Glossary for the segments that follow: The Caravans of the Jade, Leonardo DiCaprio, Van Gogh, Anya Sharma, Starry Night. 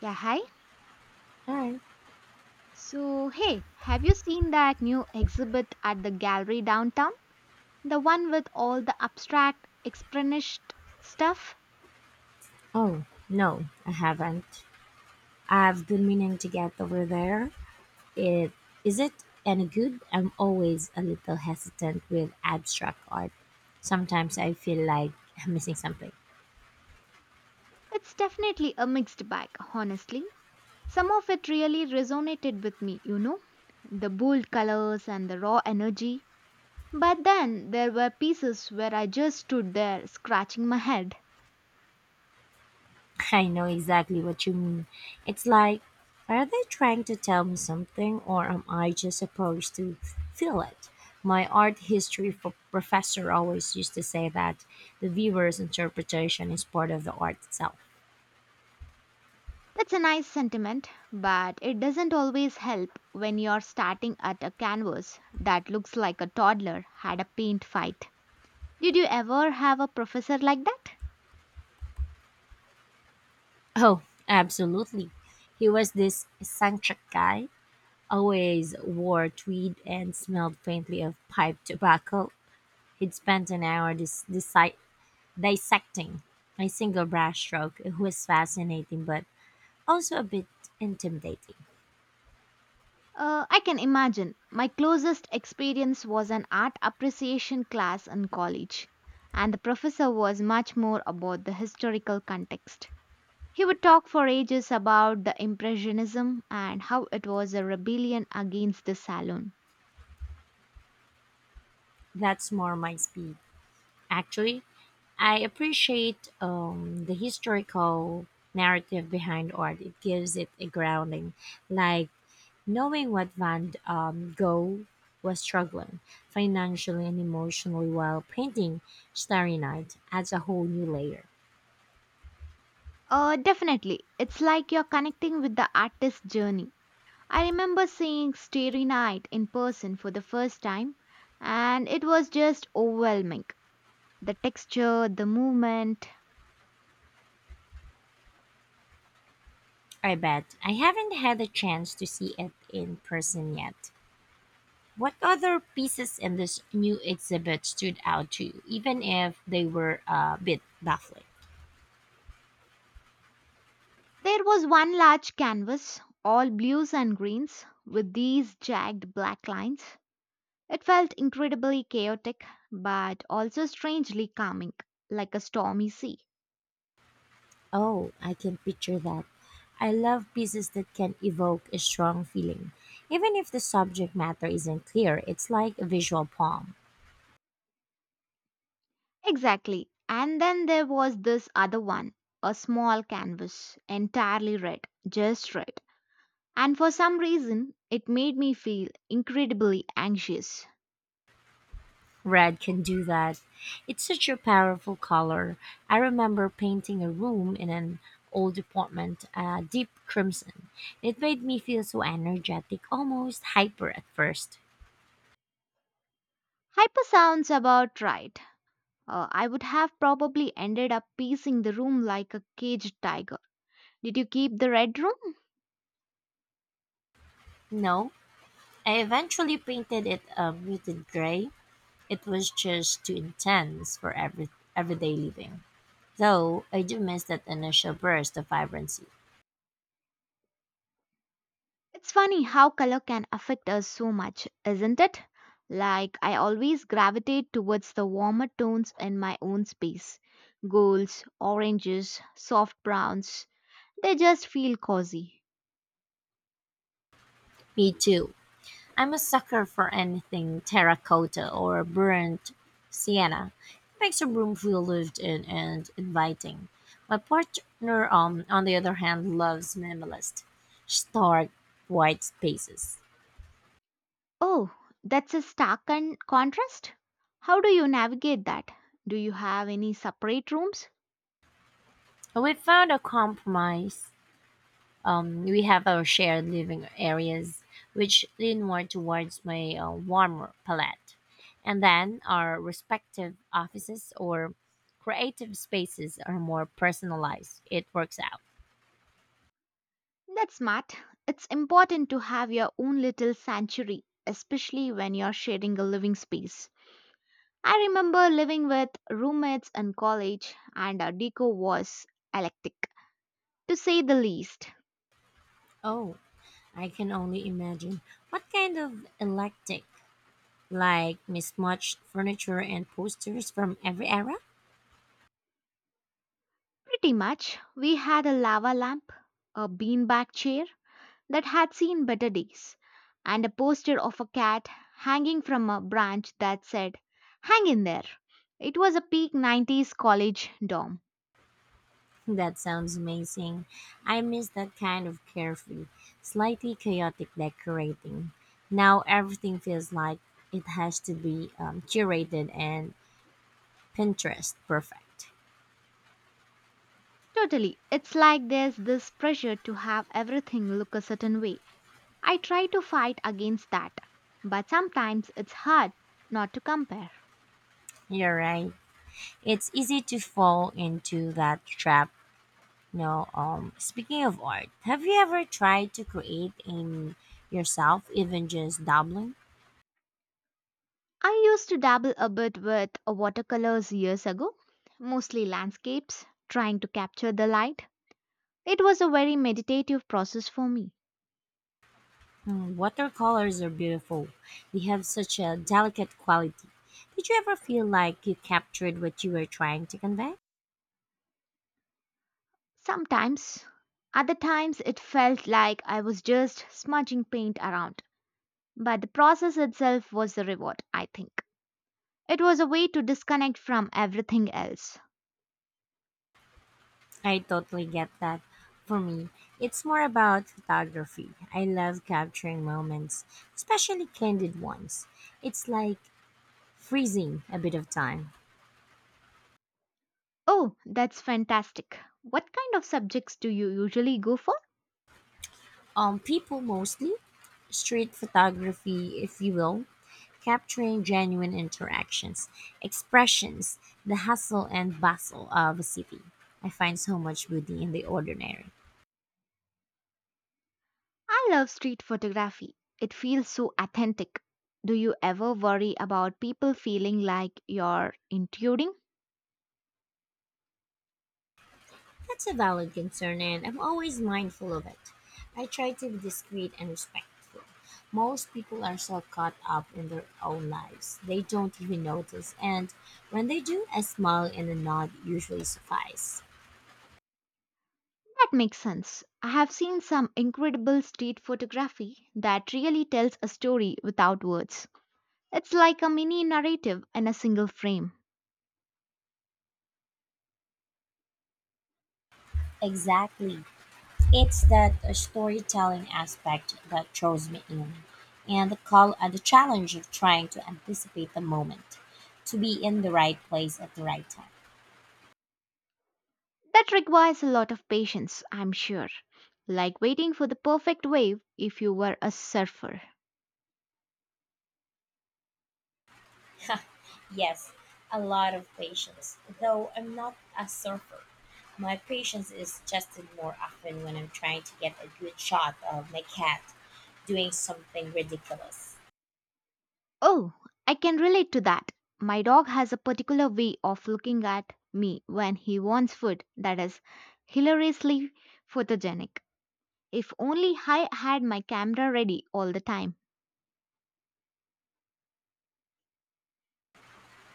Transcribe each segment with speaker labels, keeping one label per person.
Speaker 1: Yeah, hi.
Speaker 2: Alright.
Speaker 1: So, hey, have you seen that new exhibit at the gallery downtown? The one with all the abstract, expressionist stuff?
Speaker 2: Oh, no, I haven't. I've been meaning to get over there. It is it any good? I'm always a little hesitant with abstract art. Sometimes I feel like I'm missing something.
Speaker 1: It's definitely a mixed bag, honestly. Some of it really resonated with me, you know? The bold colors and the raw energy. But then there were pieces where I just stood there scratching my head.
Speaker 2: I know exactly what you mean. It's like, are they trying to tell me something, or am I just supposed to feel it? My art history for professor always used to say that the viewer's interpretation is part of the art itself.
Speaker 1: That's a nice sentiment, but it doesn't always help when you're starting at a canvas that looks like a toddler had a paint fight. Did you ever have a professor like that?
Speaker 2: Oh, absolutely. He was this eccentric guy, always wore tweed and smelled faintly of pipe tobacco. He'd spent an hour dissecting a single brush stroke. It was fascinating, but also a bit intimidating.
Speaker 1: I can imagine. My closest experience was an art appreciation class in college, and the professor was much more about the historical context. He would talk for ages about the Impressionism and how it was a rebellion against the Salon.
Speaker 2: That's more my speed. Actually, I appreciate the historical narrative behind art. It gives it a grounding, like, knowing what Van Gogh was struggling, financially and emotionally, while painting Starry Night adds a whole new layer.
Speaker 1: Definitely. It's like you're connecting with the artist's journey. I remember seeing Starry Night in person for the first time, and it was just overwhelming. The texture, the movement.
Speaker 2: I bet. I haven't had a chance to see it in person yet. What other pieces in this new exhibit stood out to you, even if they were a bit baffling?
Speaker 1: There was one large canvas, all blues and greens, with these jagged black lines. It felt incredibly chaotic, but also strangely calming, like a stormy sea.
Speaker 2: Oh, I can picture that. I love pieces that can evoke a strong feeling. Even if the subject matter isn't clear, it's like a visual poem.
Speaker 1: Exactly. And then there was this other one, a small canvas, entirely red, just red. And for some reason, it made me feel incredibly anxious.
Speaker 2: Red can do that. It's such a powerful color. I remember painting a room in an old apartment a deep crimson. It made me feel so energetic, almost hyper at first.
Speaker 1: Hyper sounds about right. I would have probably ended up pacing the room like a caged tiger. Did you keep the red room?
Speaker 2: No, I eventually painted it a muted gray. It was just too intense for everyday living. Though I do miss that initial burst of vibrancy.
Speaker 1: It's funny how color can affect us so much, isn't it? Like, I always gravitate towards the warmer tones in my own space. Golds, oranges, soft browns, they just feel cozy.
Speaker 2: Me too. I'm a sucker for anything terracotta or burnt sienna. It makes a room feel lived in and inviting. My partner, on the other hand, loves minimalist, stark, white spaces.
Speaker 1: Oh, that's a stark contrast? How do you navigate that? Do you have any separate rooms?
Speaker 2: We found a compromise. We have our shared living areas, which lean more towards my warmer palette, and then our respective offices or creative spaces are more personalized. It works out.
Speaker 1: That's smart. It's important to have your own little sanctuary, especially when you're sharing a living space. I remember living with roommates in college, and our deco was eclectic, to say the least.
Speaker 2: Oh, I can only imagine. What kind of eclectic? Like mismatched furniture and posters from every era?
Speaker 1: Pretty much, we had a lava lamp, a beanbag chair that had seen better days, and a poster of a cat hanging from a branch that said, "Hang in there." It was a peak 90s college dorm.
Speaker 2: That sounds amazing. I miss that kind of carefree, slightly chaotic decorating. Now everything feels like it has to be curated and Pinterest perfect.
Speaker 1: Totally, it's like there's this pressure to have everything look a certain way. I try to fight against that, but sometimes it's hard not to compare.
Speaker 2: You're right. It's easy to fall into that trap. No, speaking of art, have you ever tried to create in yourself, even just dabbling?
Speaker 1: I used to dabble a bit with watercolors years ago, mostly landscapes, trying to capture the light. It was a very meditative process for me.
Speaker 2: Mm, watercolors are beautiful. They have such a delicate quality. Did you ever feel like you captured what you were trying to convey?
Speaker 1: Sometimes, other times, it felt like I was just smudging paint around, but the process itself was the reward, I think. It was a way to disconnect from everything else.
Speaker 2: I totally get that. For me, it's more about photography. I love capturing moments, especially candid ones. It's like freezing a bit of time.
Speaker 1: Oh, that's fantastic. What kind of subjects do you usually go for?
Speaker 2: People mostly, street photography, if you will, capturing genuine interactions, expressions, the hustle and bustle of a city. I find so much beauty in the ordinary.
Speaker 1: I love street photography. It feels so authentic. Do you ever worry about people feeling like you're intruding?
Speaker 2: That's a valid concern, and I'm always mindful of it. I try to be discreet and respectful. Most people are so caught up in their own lives, they don't even notice, and when they do, a smile and a nod usually suffice.
Speaker 1: That makes sense. I have seen some incredible street photography that really tells a story without words. It's like a mini narrative in a single frame.
Speaker 2: Exactly. It's that storytelling aspect that draws me in, and the challenge of trying to anticipate the moment, to be in the right place at the right time.
Speaker 1: That requires a lot of patience, I'm sure. Like waiting for the perfect wave if you were a surfer.
Speaker 2: Yes, a lot of patience. Though I'm not a surfer, my patience is tested more often when I'm trying to get a good shot of my cat doing something ridiculous.
Speaker 1: Oh, I can relate to that. My dog has a particular way of looking at me when he wants food that is hilariously photogenic. If only I had my camera ready all the time.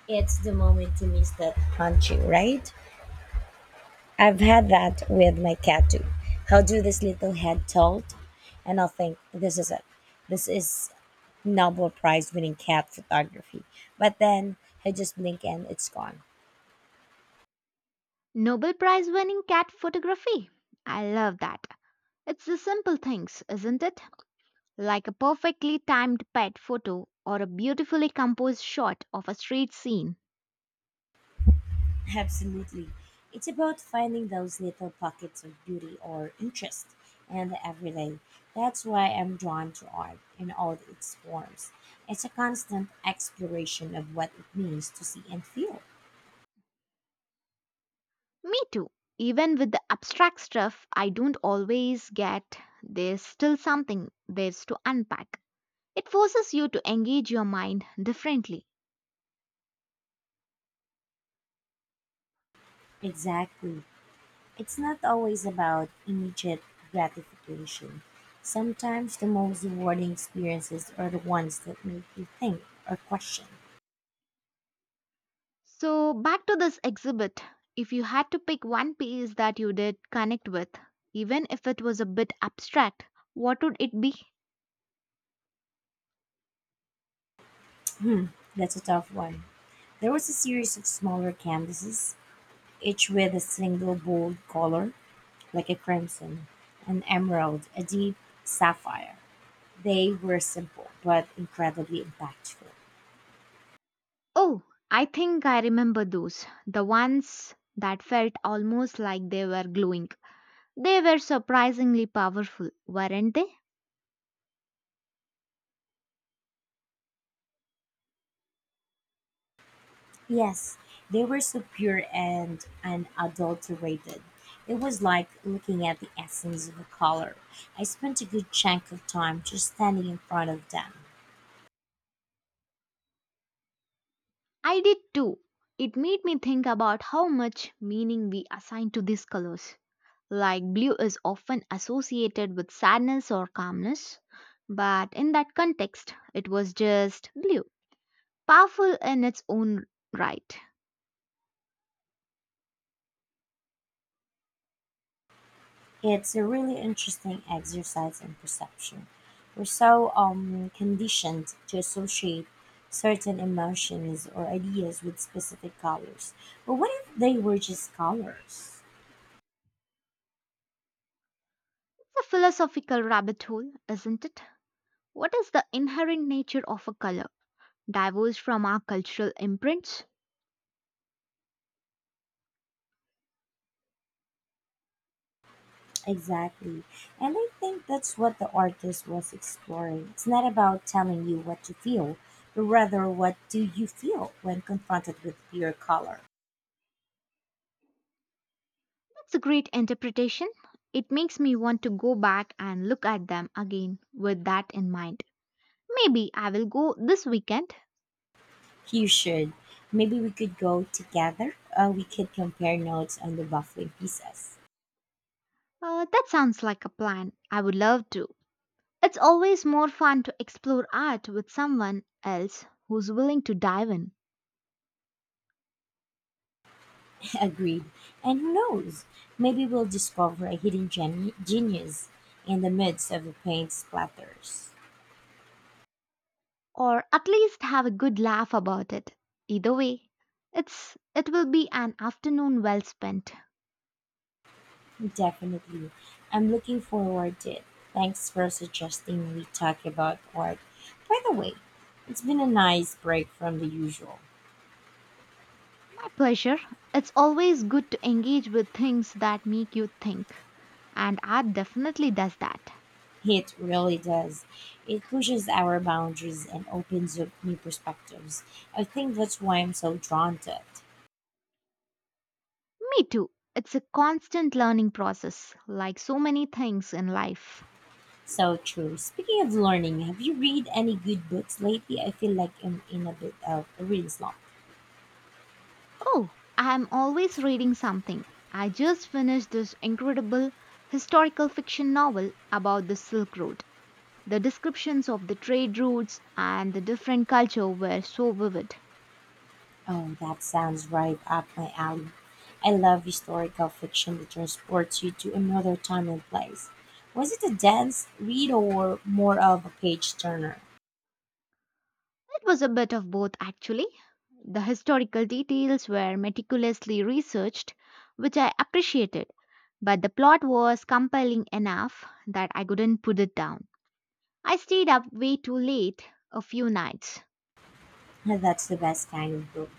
Speaker 2: It's the moment you miss that punch, right? I've had that with my cat too. How do this little head tilt? And I'll think, this is it. This is Nobel Prize winning cat photography. But then I just blink and it's gone.
Speaker 1: Nobel Prize winning cat photography. I love that. It's the simple things, isn't it? Like a perfectly timed pet photo or a beautifully composed shot of a street scene.
Speaker 2: Absolutely. It's about finding those little pockets of beauty or interest in the everyday. That's why I'm drawn to art in all its forms. It's a constant exploration of what it means to see and feel.
Speaker 1: Me too. Even with the abstract stuff I don't always get, there's still something there's to unpack. It forces you to engage your mind differently.
Speaker 2: Exactly. It's not always about immediate gratification. Sometimes the most rewarding experiences are the ones that make you think or question.
Speaker 1: So, back to this exhibit. If you had to pick one piece that you did connect with, even if it was a bit abstract, what would it be?
Speaker 2: That's a tough one. There was a series of smaller canvases, each with a single bold color, like a crimson, an emerald, a deep sapphire. They were simple but incredibly impactful.
Speaker 1: Oh, I think I remember those. The ones that felt almost like they were glowing. They were surprisingly powerful, weren't they?
Speaker 2: Yes, they were so pure and unadulterated. It was like looking at the essence of a color. I spent a good chunk of time just standing in front of them.
Speaker 1: I did too. It made me think about how much meaning we assign to these colors. Like blue is often associated with sadness or calmness, but in that context, it was just blue, powerful in its own right. It's
Speaker 2: It's a really interesting exercise in perception. We're so conditioned to associate certain emotions or ideas with specific colors. But what if they were just colors?
Speaker 1: a philosophical rabbit hole, isn't it? What is the inherent nature of a color? Divorced from our cultural imprints?
Speaker 2: Exactly. And I think that's what the artist was exploring. It's not about telling you what to feel, but rather what do you feel when confronted with your color.
Speaker 1: That's a great interpretation. It makes me want to go back and look at them again with that in mind. Maybe I will go this weekend.
Speaker 2: You should. Maybe we could go together. We could compare notes on the baffling pieces.
Speaker 1: That sounds like a plan. I would love to. It's always more fun to explore art with someone else who's willing to dive in,
Speaker 2: Agreed. And who knows? Maybe we'll discover a hidden genius in the midst of the paint splatters.
Speaker 1: or at least have a good laugh about it. Either way, it will be an afternoon well spent.
Speaker 2: Definitely. I'm looking forward to it. Thanks for suggesting we talk about art. By the way, it's been a nice break from the usual.
Speaker 1: My pleasure. It's always good to engage with things that make you think, and art definitely does that.
Speaker 2: It really does. It pushes our boundaries and opens up new perspectives. I think that's why I'm so drawn to it.
Speaker 1: Me too. It's a constant learning process, like so many things in life.
Speaker 2: So true. Speaking of learning, have you read any good books lately? I feel like I'm in a bit of a reading slump.
Speaker 1: Oh, I'm always reading something. I just finished this incredible historical fiction novel about the Silk Road. The descriptions of the trade routes and the different culture were so vivid.
Speaker 2: Oh, that sounds right up my alley. I love historical fiction that transports you to another time and place. Was it a dense read or more of a page turner?
Speaker 1: It was a bit of both actually. The historical details were meticulously researched, which I appreciated, but the plot was compelling enough that I couldn't put it down. I stayed up way too late a few nights.
Speaker 2: That's the best kind of book.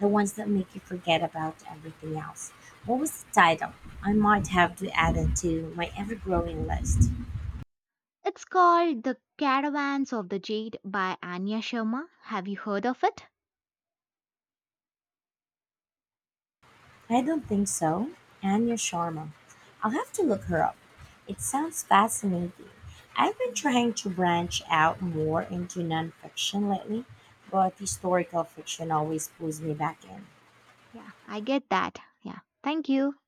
Speaker 2: The ones that make you forget about everything else. What was the title? I might have to add it to my ever growing list.
Speaker 1: It's called The Caravans of the Jade by Anya Sharma. Have you heard of it?
Speaker 2: I don't think so. Anya Sharma. I'll have to look her up. It sounds fascinating. I've been trying to branch out more into nonfiction lately, but historical fiction always pulls me back in.
Speaker 1: Yeah, I get that. Yeah, thank you.